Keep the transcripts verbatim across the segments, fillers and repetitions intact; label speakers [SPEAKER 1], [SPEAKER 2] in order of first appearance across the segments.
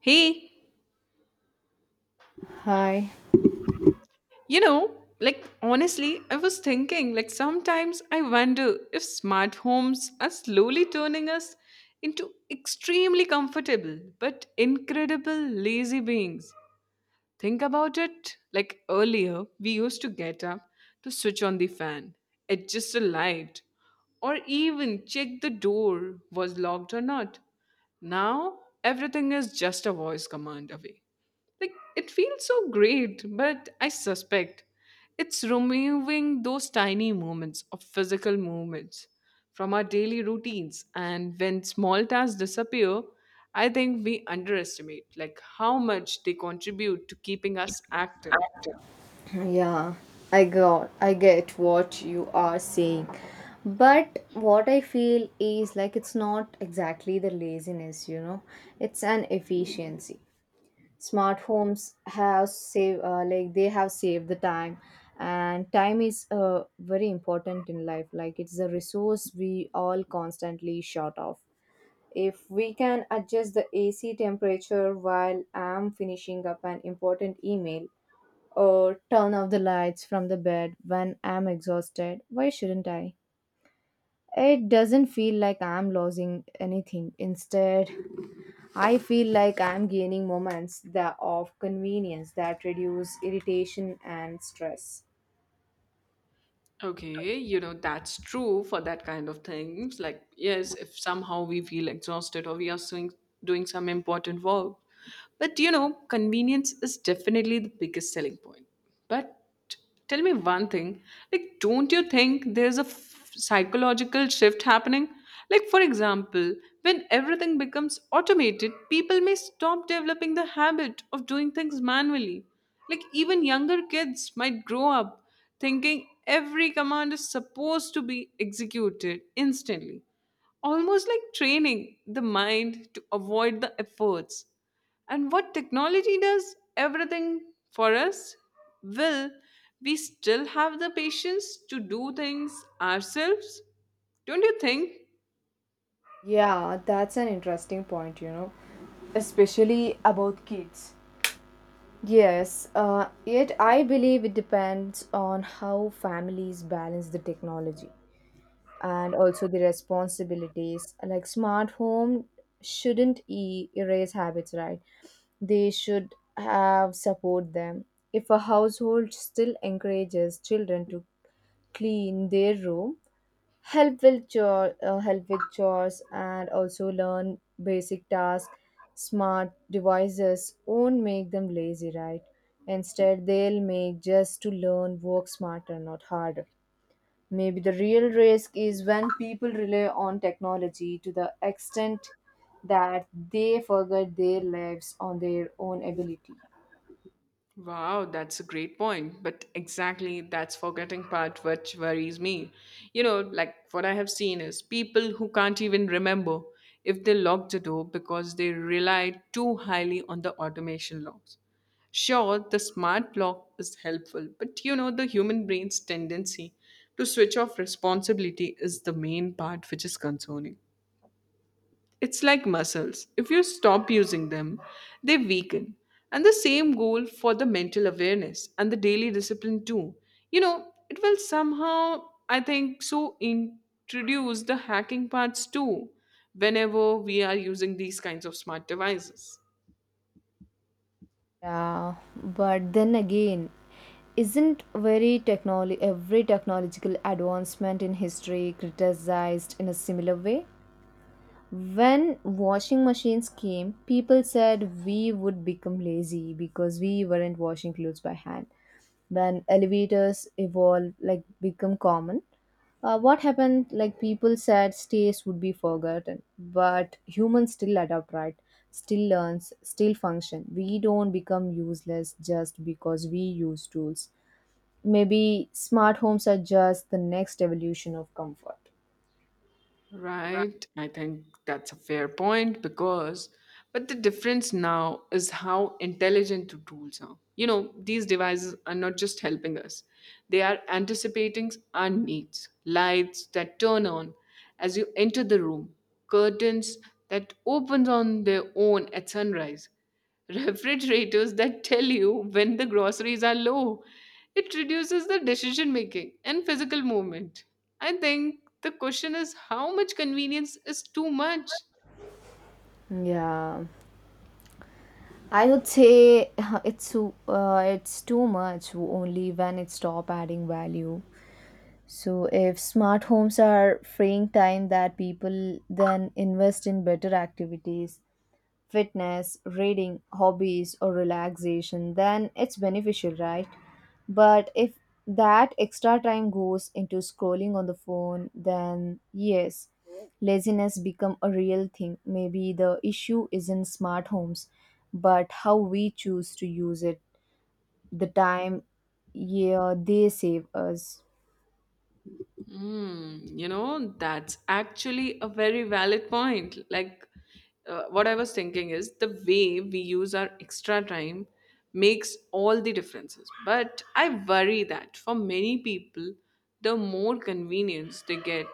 [SPEAKER 1] Hey,
[SPEAKER 2] Hi.
[SPEAKER 1] you know, like honestly, I was thinking, like sometimes I wonder if smart homes are slowly turning us into extremely comfortable but incredible lazy beings. Think about it. Like earlier, we used to get up to switch on the fan, adjust a light, or even check the door was locked or not. Now, everything is just a voice command away. Like, it feels so great, but I suspect it's removing those tiny moments of physical movements from our daily routines. And when small tasks disappear, I think we underestimate like how much they contribute to keeping us active.
[SPEAKER 2] Yeah, I got I get what you are saying. But what I feel is like it's not exactly the laziness, you know. It's an efficiency. Smart homes have save uh, like they have saved the time, and time is uh, very important in life. Like it's a resource we all constantly short of. If we can adjust the A C temperature while I'm finishing up an important email or turn off the lights from the bed when I'm exhausted, why shouldn't I? It doesn't feel like I'm losing anything. Instead, I feel like I'm gaining moments that of convenience that reduce irritation and stress.
[SPEAKER 1] Okay, you know, that's true for that kind of things. Like, yes, if somehow we feel exhausted or we are doing, doing some important work. But, you know, convenience is definitely the biggest selling point. But tell me one thing, like, don't you think there's a f- psychological shift happening? Like, for example, when everything becomes automated, people may stop developing the habit of doing things manually. Like even younger kids might grow up thinking every command is supposed to be executed instantly, almost like training the mind to avoid the efforts. And what technology does everything for us, will we still have the patience to do things ourselves? Don't you think?
[SPEAKER 2] Yeah, that's an interesting point, you know, especially about kids. Yes, uh, yet I believe it depends on how families balance the technology and also the responsibilities. Like smart home shouldn't e- erase habits, right? They should have support them. If a household still encourages children to clean their room, help with chore, uh, help with chores, and also learn basic tasks, smart devices won't make them lazy, right? Instead, they'll make just to learn work smarter, not harder. Maybe the real risk is when people rely on technology to the extent that they forget their lives on their own ability.
[SPEAKER 1] Wow, that's a great point. But exactly that's forgetting part which worries me. You know, like what I have seen is people who can't even remember if they locked the door because they rely too highly on the automation locks. Sure, the smart lock is helpful, but you know, the human brain's tendency to switch off responsibility is the main part which is concerning. It's like muscles. If you stop using them, they weaken. And the same goal for the mental awareness and the daily discipline, too. You know, it will somehow, I think, so introduce the hacking parts, too, whenever we are using these kinds of smart devices.
[SPEAKER 2] Yeah, but then again, isn't very technology every technological advancement in history criticized in a similar way? When washing machines came, people said we would become lazy because we weren't washing clothes by hand. When elevators evolved, like become common, Uh, what happened, like people said, states would be forgotten, but humans still adapt, right? Still learns, still function. We don't become useless just because we use tools. Maybe smart homes are just the next evolution of comfort.
[SPEAKER 1] Right. I think that's a fair point because, but the difference now is how intelligent the tools are. You know, these devices are not just helping us, they are anticipating our needs. Lights that turn on as you enter the room, curtains that opens on their own at sunrise, refrigerators that tell you when the groceries are low. It reduces the decision making and physical movement. I think the question is, how much convenience is too much?
[SPEAKER 2] Yeah, I would say it's too- uh, it's too much only when it stop adding value. So if smart homes are freeing time that people then invest in better activities, fitness, reading, hobbies, or relaxation, then it's beneficial, right? But if that extra time goes into scrolling on the phone, then yes, laziness become a real thing. Maybe the issue is in smart homes, but how we choose to use it, the time, yeah, they save us.
[SPEAKER 1] Hmm. You know, that's actually a very valid point. Like, uh, what I was thinking is the way we use our extra time makes all the differences. But I worry that for many people, the more convenience they get,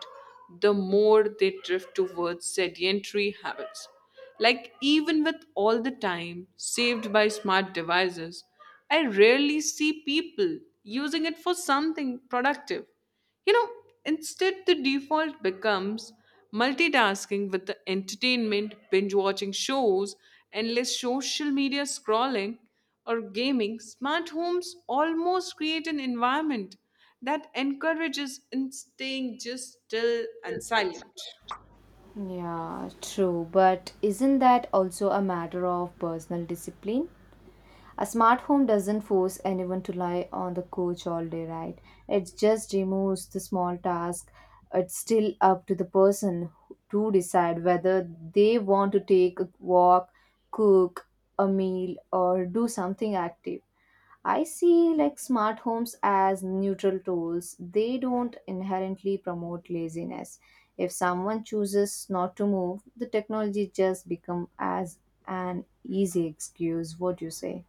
[SPEAKER 1] the more they drift towards sedentary habits. Like, even with all the time saved by smart devices, I rarely see people using it for something productive, you know, instead, the default becomes multitasking with the entertainment, binge watching shows, endless social media scrolling, or gaming. Smart homes almost create an environment that encourages in staying just still and silent.
[SPEAKER 2] Yeah, true. But isn't that also a matter of personal discipline? A smart home doesn't force anyone to lie on the couch all day, right? It just removes the small task. It's still up to the person to decide whether they want to take a walk, cook a meal, or do something active. I see like smart homes as neutral tools. They don't inherently promote laziness. If someone chooses not to move, the technology just become as an easy excuse. What do you say?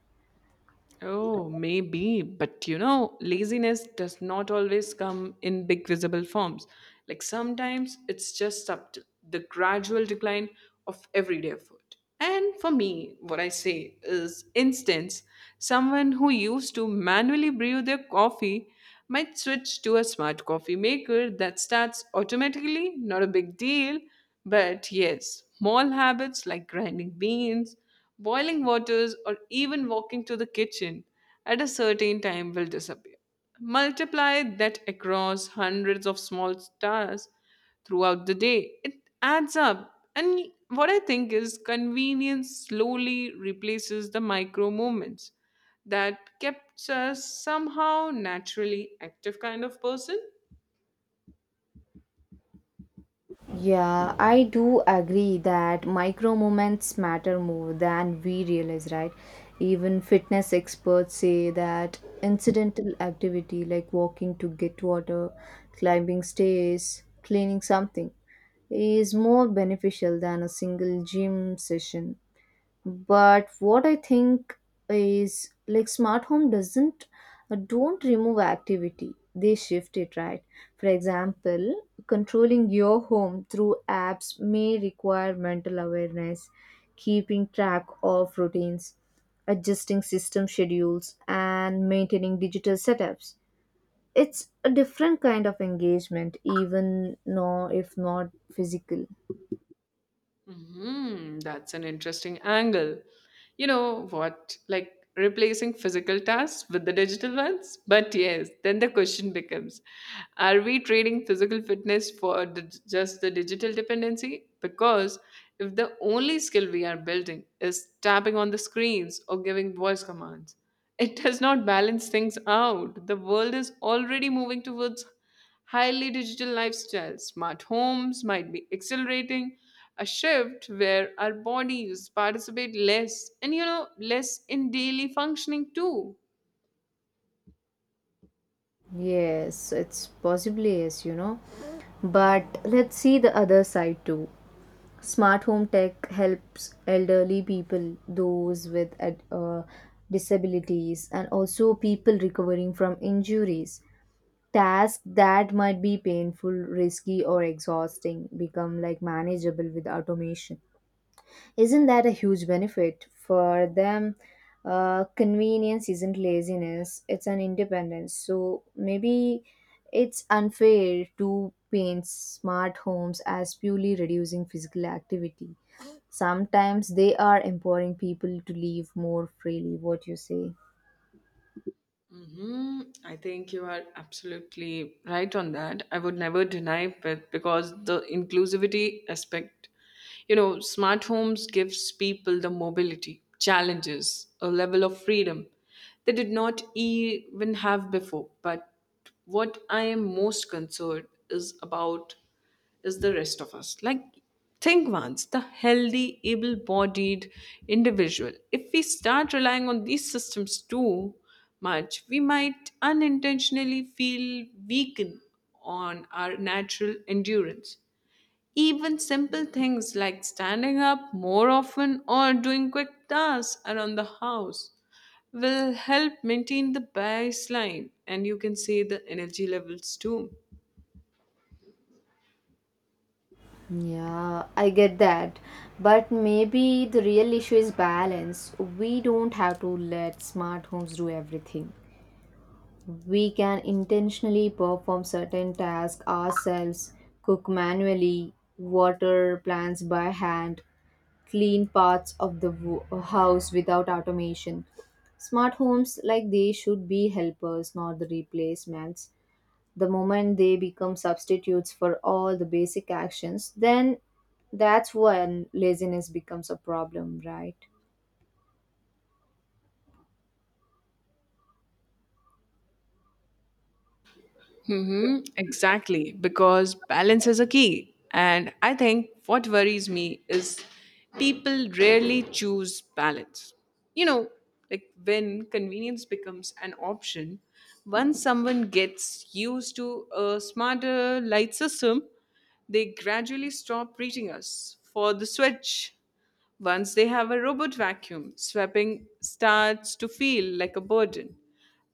[SPEAKER 1] Oh, maybe, but you know, laziness does not always come in big visible forms. Like sometimes it's just subtle, the gradual decline of everyday effort. And for me, what I say is instance, someone who used to manually brew their coffee might switch to a smart coffee maker that starts automatically, not a big deal, but yes, small habits like grinding beans, boiling waters, or even walking to the kitchen at a certain time will disappear. Multiply that across hundreds of small tasks throughout the day. It adds up. And what I think is convenience slowly replaces the micro movements that kept us somehow naturally active kind of person.
[SPEAKER 2] Yeah, I do agree that micro moments matter more than we realize, right? Even fitness experts say that incidental activity like walking to get water, climbing stairs, cleaning something is more beneficial than a single gym session. But what I think is like smart home doesn't uh, don't remove activity, they shift it, right? For example, controlling your home through apps may require mental awareness, keeping track of routines, adjusting system schedules, and maintaining digital setups. It's a different kind of engagement, even no if not physical.
[SPEAKER 1] Hmm. That's an interesting angle. You know what? Like replacing physical tasks with the digital ones? But yes, then the question becomes, are we trading physical fitness for the, just the digital dependency? Because if the only skill we are building is tapping on the screens or giving voice commands, it does not balance things out. The world is already moving towards highly digital lifestyles, smart homes might be accelerating a shift where our bodies participate less and you know less in daily functioning too.
[SPEAKER 2] Yes, it's possibly is, you know. But let's see the other side too. Smart home tech helps elderly people, those with ad- uh, disabilities, and also people recovering from injuries. Tasks that might be painful, risky, or exhausting become like manageable with automation. Isn't that a huge benefit for them? Uh, convenience isn't laziness, it's an independence. So maybe it's unfair to paint smart homes as purely reducing physical activity. Sometimes they are empowering people to live more freely, what you say.
[SPEAKER 1] Hmm. I think you are absolutely right on that. I would never deny it because the inclusivity aspect, you know, smart homes gives people the mobility, challenges, a level of freedom they did not even have before. But what I am most concerned is about is the rest of us. Like, think once the healthy, able bodied individual. If we start relying on these systems too much, we might unintentionally feel weakened on our natural endurance. Even simple things like standing up more often or doing quick tasks around the house will help maintain the baseline and you can say the energy levels too.
[SPEAKER 2] Yeah, I get that. But maybe the real issue is balance. We don't have to let smart homes do everything. We can intentionally perform certain tasks ourselves, cook manually, water plants by hand, clean parts of the wo- house without automation. Smart homes like these should be helpers, not the replacements. The moment they become substitutes for all the basic actions, then that's when laziness becomes a problem, right?
[SPEAKER 1] Mm-hmm, exactly, because balance is a key. And I think what worries me is people rarely choose balance. You know, like when convenience becomes an option, once someone gets used to a smarter light system, they gradually stop reaching us for the switch. Once they have a robot vacuum, sweeping starts to feel like a burden.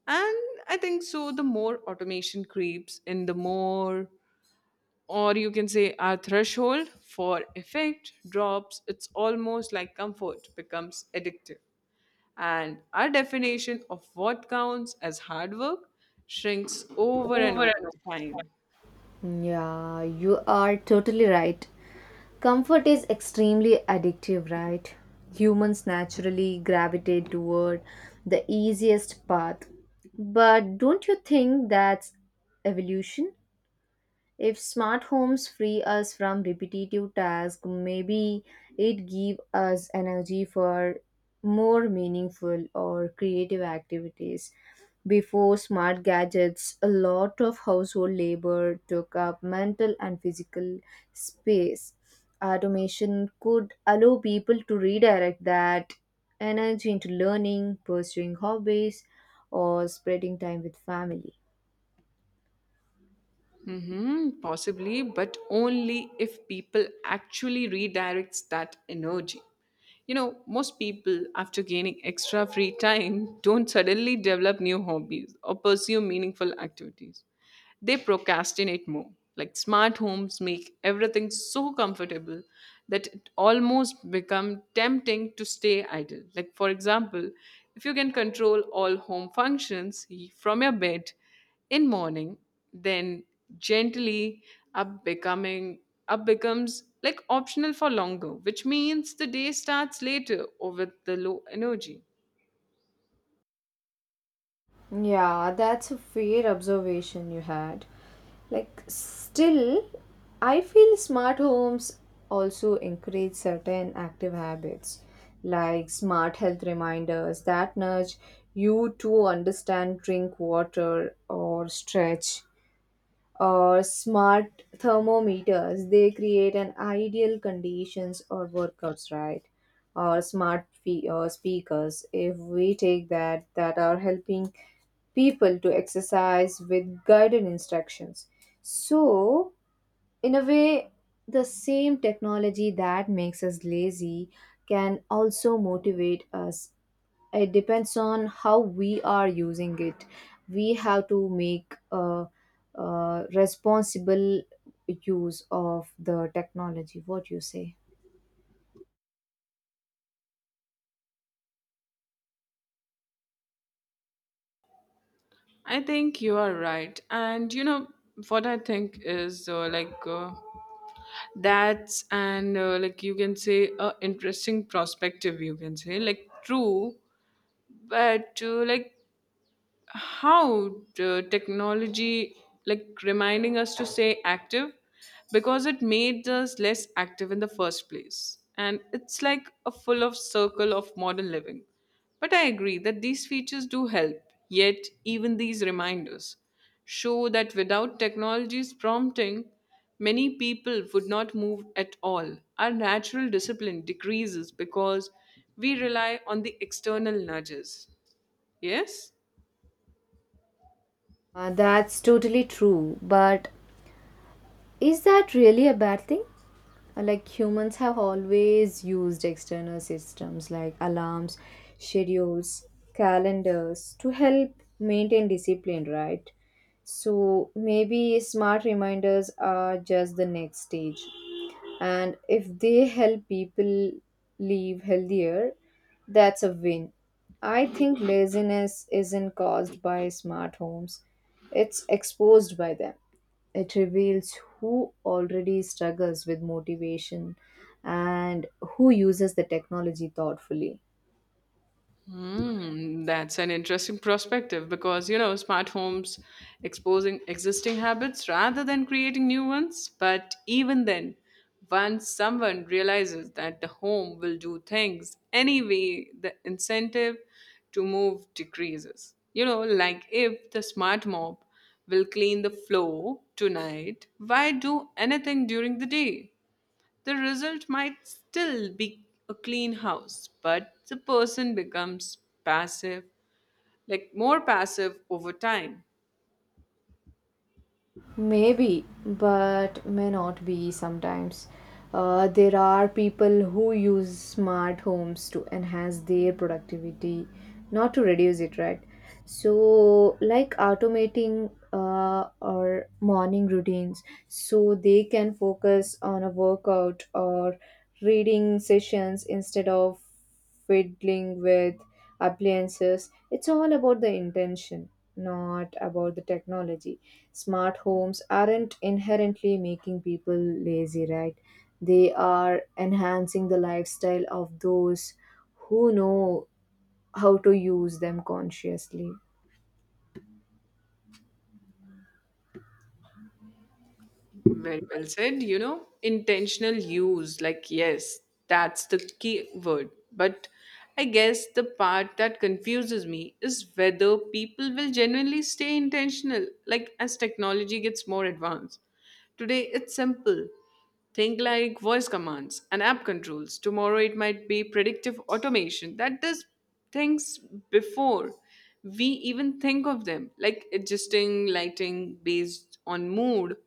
[SPEAKER 1] And I think so, the more automation creeps in, the more, or you can say, our threshold for effect drops. It's almost like comfort becomes addictive. And our definition of what counts as hard work shrinks over and
[SPEAKER 2] Over and
[SPEAKER 1] over
[SPEAKER 2] over.
[SPEAKER 1] the time.
[SPEAKER 2] Yeah, you are totally right. Comfort is extremely addictive, right? Humans naturally gravitate toward the easiest path. But don't you think that's evolution? If smart homes free us from repetitive tasks, maybe it give us energy for more meaningful or creative activities. Before smart gadgets, a lot of household labor took up mental and physical space. Automation could allow people to redirect that energy into learning, pursuing hobbies, or spreading time with family.
[SPEAKER 1] Mm-hmm, possibly, but only if people actually redirects that energy. You know, most people, after gaining extra free time, don't suddenly develop new hobbies or pursue meaningful activities. They procrastinate more. Like smart homes make everything so comfortable that it almost become tempting to stay idle. Like for example, if you can control all home functions from your bed in morning, then gently up becoming up becomes like optional for longer, which means the day starts later or with the low energy.
[SPEAKER 2] Yeah, that's a fair observation you had. Like, still, I feel smart homes also encourage certain active habits, like smart health reminders that nudge you to understand drink water or stretch, or smart thermometers, they create an ideal conditions or workouts, right? Or smart fe- or speakers, if we take that that are helping people to exercise with guided instructions. So in a way, the same technology that makes us lazy can also motivate us. It depends on how we are using it. We have to make a, uh responsible use of the technology, what you say.
[SPEAKER 1] I think you are right. And you know what I think is uh, like uh, that's an uh, like you can say a interesting perspective you can say like true but uh, like how uh, technology like reminding us to stay active because it made us less active in the first place, and it's like a full of circle of modern living, but I agree that these features do help, yet even these reminders show that without technology's prompting, many people would not move at all, our natural discipline decreases because we rely on the external nudges, yes.
[SPEAKER 2] Uh, that's totally true, but is that really a bad thing? Uh, like, humans have always used external systems like alarms, schedules, calendars to help maintain discipline, right? So maybe smart reminders are just the next stage, and if they help people live healthier, that's a win. I think laziness isn't caused by smart homes, it's exposed by them. It reveals who already struggles with motivation and who uses the technology thoughtfully.
[SPEAKER 1] Hmm, that's an interesting perspective because you know smart homes exposing existing habits rather than creating new ones. But even then, once someone realizes that the home will do things anyway, the incentive to move decreases. You know, like if the smart mop will clean the floor tonight, why do anything during the day? The result might still be a clean house, but the person becomes passive, like more passive over time.
[SPEAKER 2] Maybe, but may not be sometimes. Uh, there are people who use smart homes to enhance their productivity, not to reduce it, right? So, like automating uh, or morning routines, so they can focus on a workout or reading sessions instead of fiddling with appliances. It's all about the intention, not about the technology. Smart homes aren't inherently making people lazy, right? They are enhancing the lifestyle of those who know how to use them consciously.
[SPEAKER 1] Very well said, you know, intentional use, like, yes, that's the key word. But I guess the part that confuses me is whether people will genuinely stay intentional, like, as technology gets more advanced. Today, it's simple. Think like voice commands and app controls. Tomorrow it might be predictive automation that does things before we even think of them, like adjusting lighting based on mood,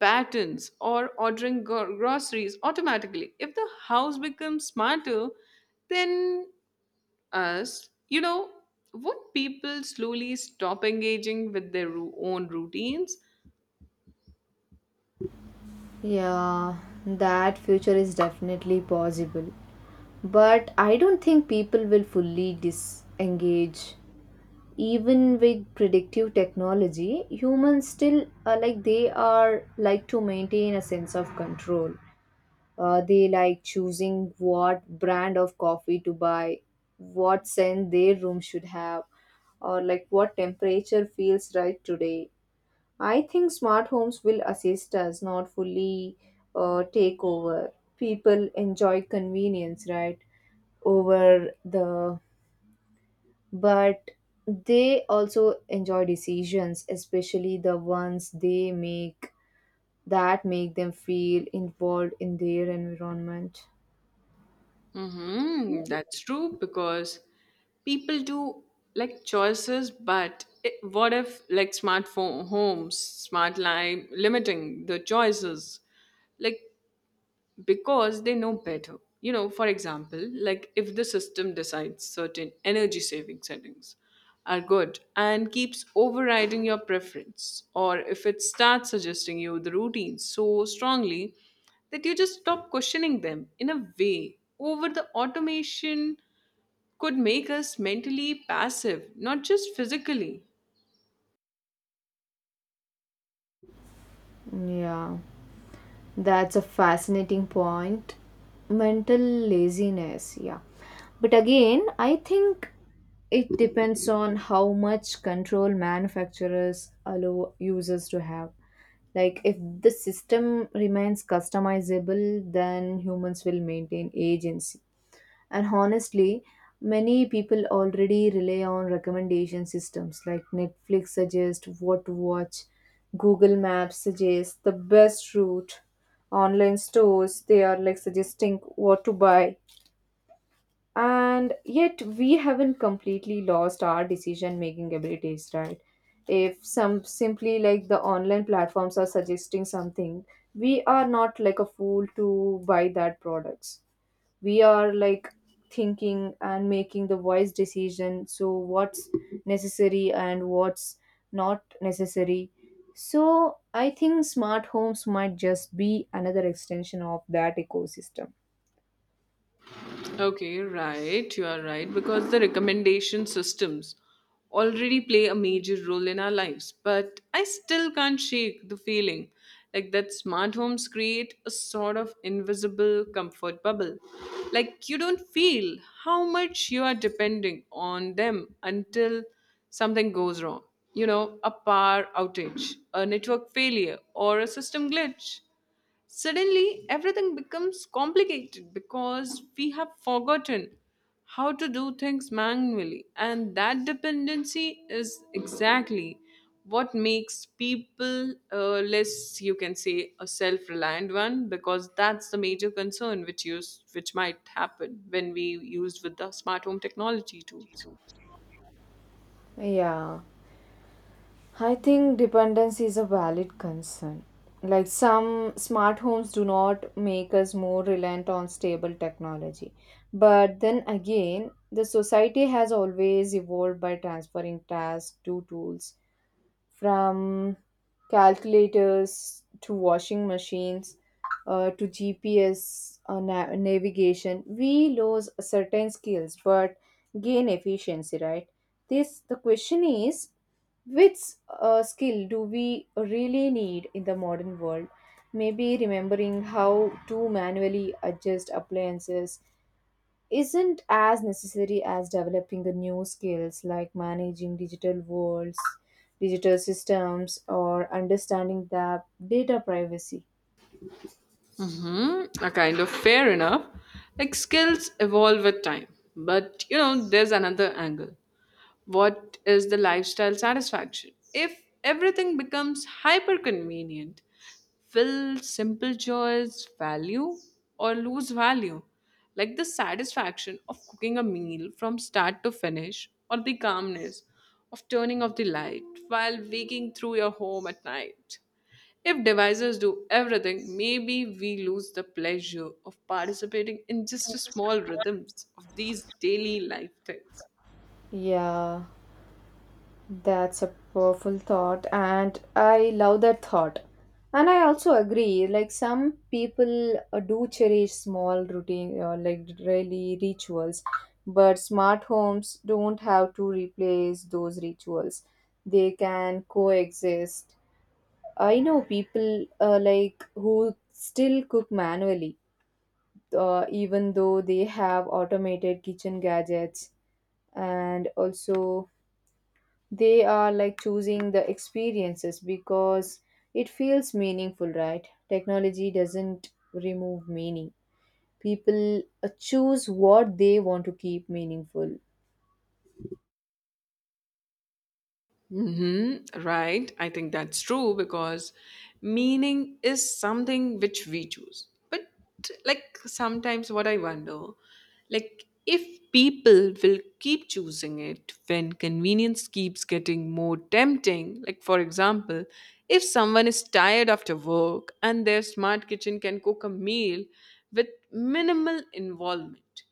[SPEAKER 1] patterns, or ordering gro- groceries automatically. If the house becomes smarter than us, you know, would people slowly stop engaging with their ru- own routines?
[SPEAKER 2] Yeah, that future is definitely possible. But I don't think people will fully disengage. Even with predictive technology, humans still are like they are like to maintain a sense of control. Uh, they like choosing what brand of coffee to buy, what scent their room should have, or like what temperature feels right today. I think smart homes will assist us, not fully uh, take over. People enjoy convenience, right? Over the, but they also enjoy decisions, especially the ones they make that make them feel involved in their environment.
[SPEAKER 1] Mm-hmm. That's true because people do like choices, but it, what if like smartphone homes, smart line limiting the choices? Like because they know better. You know, for example, like if the system decides certain energy saving settings are good and keeps overriding your preference, or if it starts suggesting you the routines so strongly that you just stop questioning them, in a way over the automation could make us mentally passive, not just physically.
[SPEAKER 2] Yeah. That's a fascinating point. Mental laziness, yeah. But again, I think it depends on how much control manufacturers allow users to have. Like, if the system remains customizable, then humans will maintain agency. And honestly, many people already rely on recommendation systems like Netflix suggests what to watch, Google Maps suggests the best route, online stores, they are like suggesting what to buy. And yet we haven't completely lost our decision making abilities, right? If some simply like the online platforms are suggesting something, we are not like a fool to buy that products. We are like thinking and making the wise decision, so what's necessary and what's not necessary. So I think smart homes might just be another extension of that ecosystem.
[SPEAKER 1] Okay, right. You are right. Because the recommendation systems already play a major role in our lives. But I still can't shake the feeling like that smart homes create a sort of invisible comfort bubble. Like you don't feel how much you are depending on them until something goes wrong. You know, a power outage, a network failure, or a system glitch. Suddenly, everything becomes complicated because we have forgotten how to do things manually, and that dependency is exactly what makes people uh, less, you can say, a self-reliant one, because that's the major concern which use which might happen when we used with the smart home technology tools.
[SPEAKER 2] Yeah, I think dependence is a valid concern. Like, some smart homes do not make us more reliant on stable technology. But then again, the society has always evolved by transferring tasks to tools, from calculators to washing machines, uh, to G P S uh, na- navigation. We lose certain skills but gain efficiency, right? This the question is which uh, skill do we really need in the modern world? Maybe remembering how to manually adjust appliances isn't as necessary as developing the new skills like managing digital worlds, digital systems, or understanding the data privacy.
[SPEAKER 1] Hmm, a kind of fair enough. Like skills evolve with time, but you know, there's another angle. What is the lifestyle satisfaction? If everything becomes hyper convenient, will simple joys value or lose value? Like the satisfaction of cooking a meal from start to finish, or the calmness of turning off the light while waking through your home at night. If devices do everything, maybe we lose the pleasure of participating in just the small rhythms of these daily life things.
[SPEAKER 2] Yeah, that's a powerful thought, and I love that thought. And I also agree, like some people uh, do cherish small routine or like really rituals, but smart homes don't have to replace those rituals. They can coexist. I know people uh, like who still cook manually, uh, even though they have automated kitchen gadgets, and also they are like choosing the experiences because it feels meaningful, right? Technology doesn't remove meaning. People uh, choose what they want to keep meaningful.
[SPEAKER 1] Mm-hmm, right. I think that's true because meaning is something which we choose. But like sometimes what I wonder, like if people will keep choosing it when convenience keeps getting more tempting, like for example, if someone is tired after work and their smart kitchen can cook a meal with minimal involvement,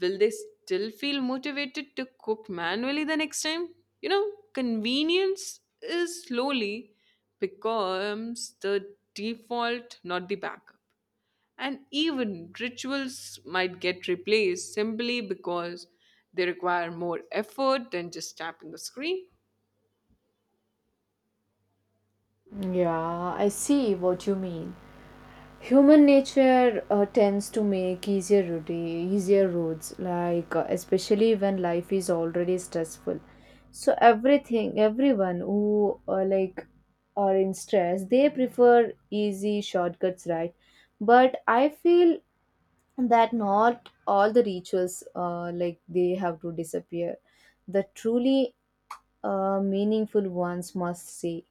[SPEAKER 1] will they still feel motivated to cook manually the next time? You know, convenience is slowly becomes the default, not the backup. And even rituals might get replaced simply because they require more effort than just tapping the screen.
[SPEAKER 2] Yeah, I see what you mean. Human nature uh, tends to make easier route, easier roads like uh, especially when life is already stressful, so everything everyone who uh, like are in stress, they prefer easy shortcuts, right? But I feel that not all the rituals uh, like they have to disappear. The truly uh, meaningful ones must stay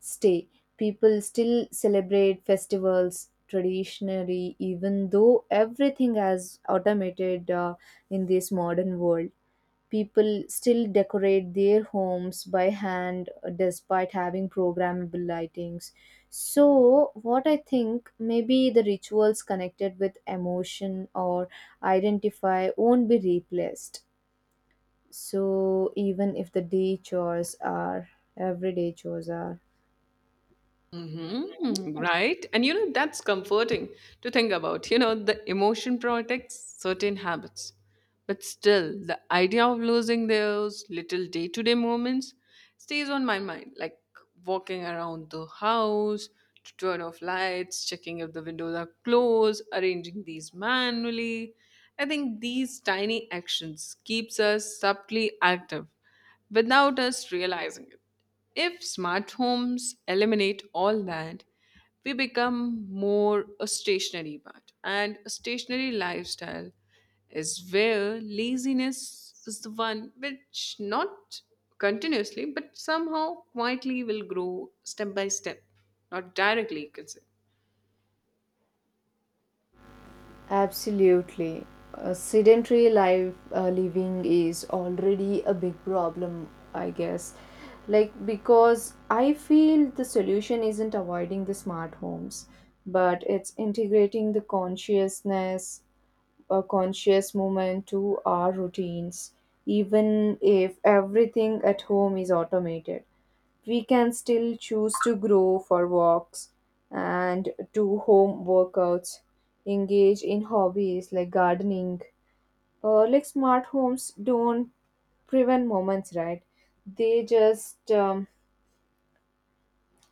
[SPEAKER 2] stay. People still celebrate festivals traditionally, even though everything has automated uh, in this modern world. People still decorate their homes by hand uh, despite having programmable lightings. So, what I think maybe the rituals connected with emotion or identify won't be replaced. So, even if the day chores are everyday chores are.
[SPEAKER 1] Mm-hmm. Right. And you know, that's comforting to think about. You know, the emotion protects certain habits. But still, the idea of losing those little day to day moments stays on my mind, like walking around the house to turn off lights, checking if the windows are closed, arranging these manually. I think these tiny actions keeps us subtly active without us realizing it. If smart homes eliminate all that, we become more a stationary part. And a stationary lifestyle is where laziness is the one which not continuously but somehow quietly will grow step by step, not directly you can say.
[SPEAKER 2] Absolutely. Uh, sedentary life uh, living is already a big problem, I guess. Like, because I feel the solution isn't avoiding the smart homes, but it's integrating the consciousness, a conscious movement to our routines. Even if everything at home is automated, we can still choose to grow for walks and do home workouts, engage in hobbies like gardening. Uh, like, smart homes don't prevent moments, right? They just um,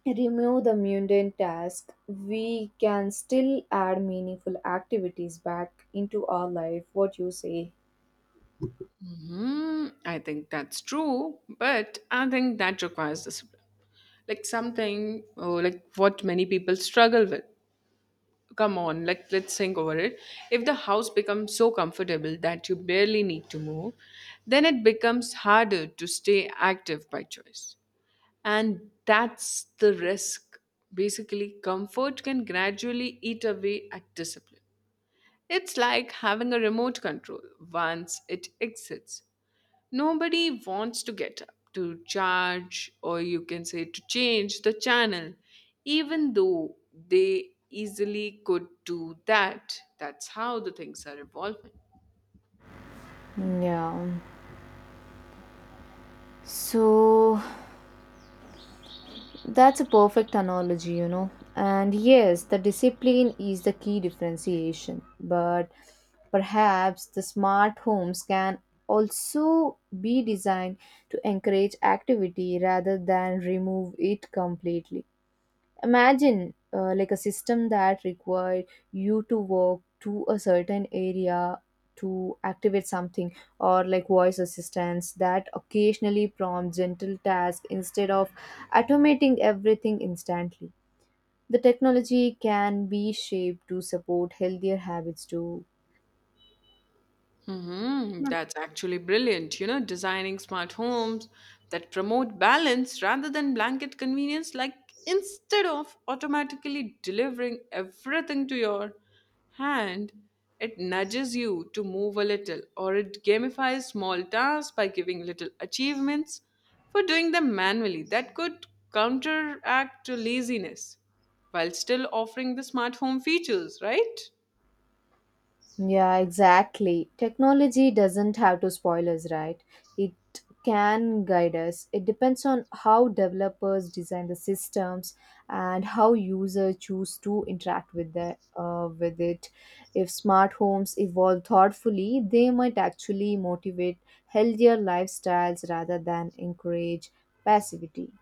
[SPEAKER 2] remove the mundane task. We can still add meaningful activities back into our life. What you say?
[SPEAKER 1] Hmm, I think that's true, but I think that requires discipline. Like something, oh, like what many people struggle with. Come on, let, let's think over it. If the house becomes so comfortable that you barely need to move, then it becomes harder to stay active by choice. And that's the risk. Basically, comfort can gradually eat away at discipline. It's like having a remote control. Once it exits, nobody wants to get up, to charge, or you can say to change the channel, even though they easily could do that. That's how the things are evolving.
[SPEAKER 2] Yeah. So, that's a perfect analogy, you know. And yes, the discipline is the key differentiation, but perhaps the smart homes can also be designed to encourage activity rather than remove it completely. Imagine uh, like a system that required you to walk to a certain area to activate something, or like voice assistants that occasionally prompt gentle tasks instead of automating everything instantly. The technology can be shaped to support healthier habits too.
[SPEAKER 1] Hmm. That's actually brilliant. You know, designing smart homes that promote balance rather than blanket convenience, like instead of automatically delivering everything to your hand, it nudges you to move a little or it gamifies small tasks by giving little achievements for doing them manually. That could counteract laziness while still offering the smart home features, right?
[SPEAKER 2] Yeah, exactly. Technology doesn't have to spoil us, right? It can guide us. It depends on how developers design the systems and how users choose to interact with the uh, with it. If smart homes evolve thoughtfully, they might actually motivate healthier lifestyles rather than encourage passivity.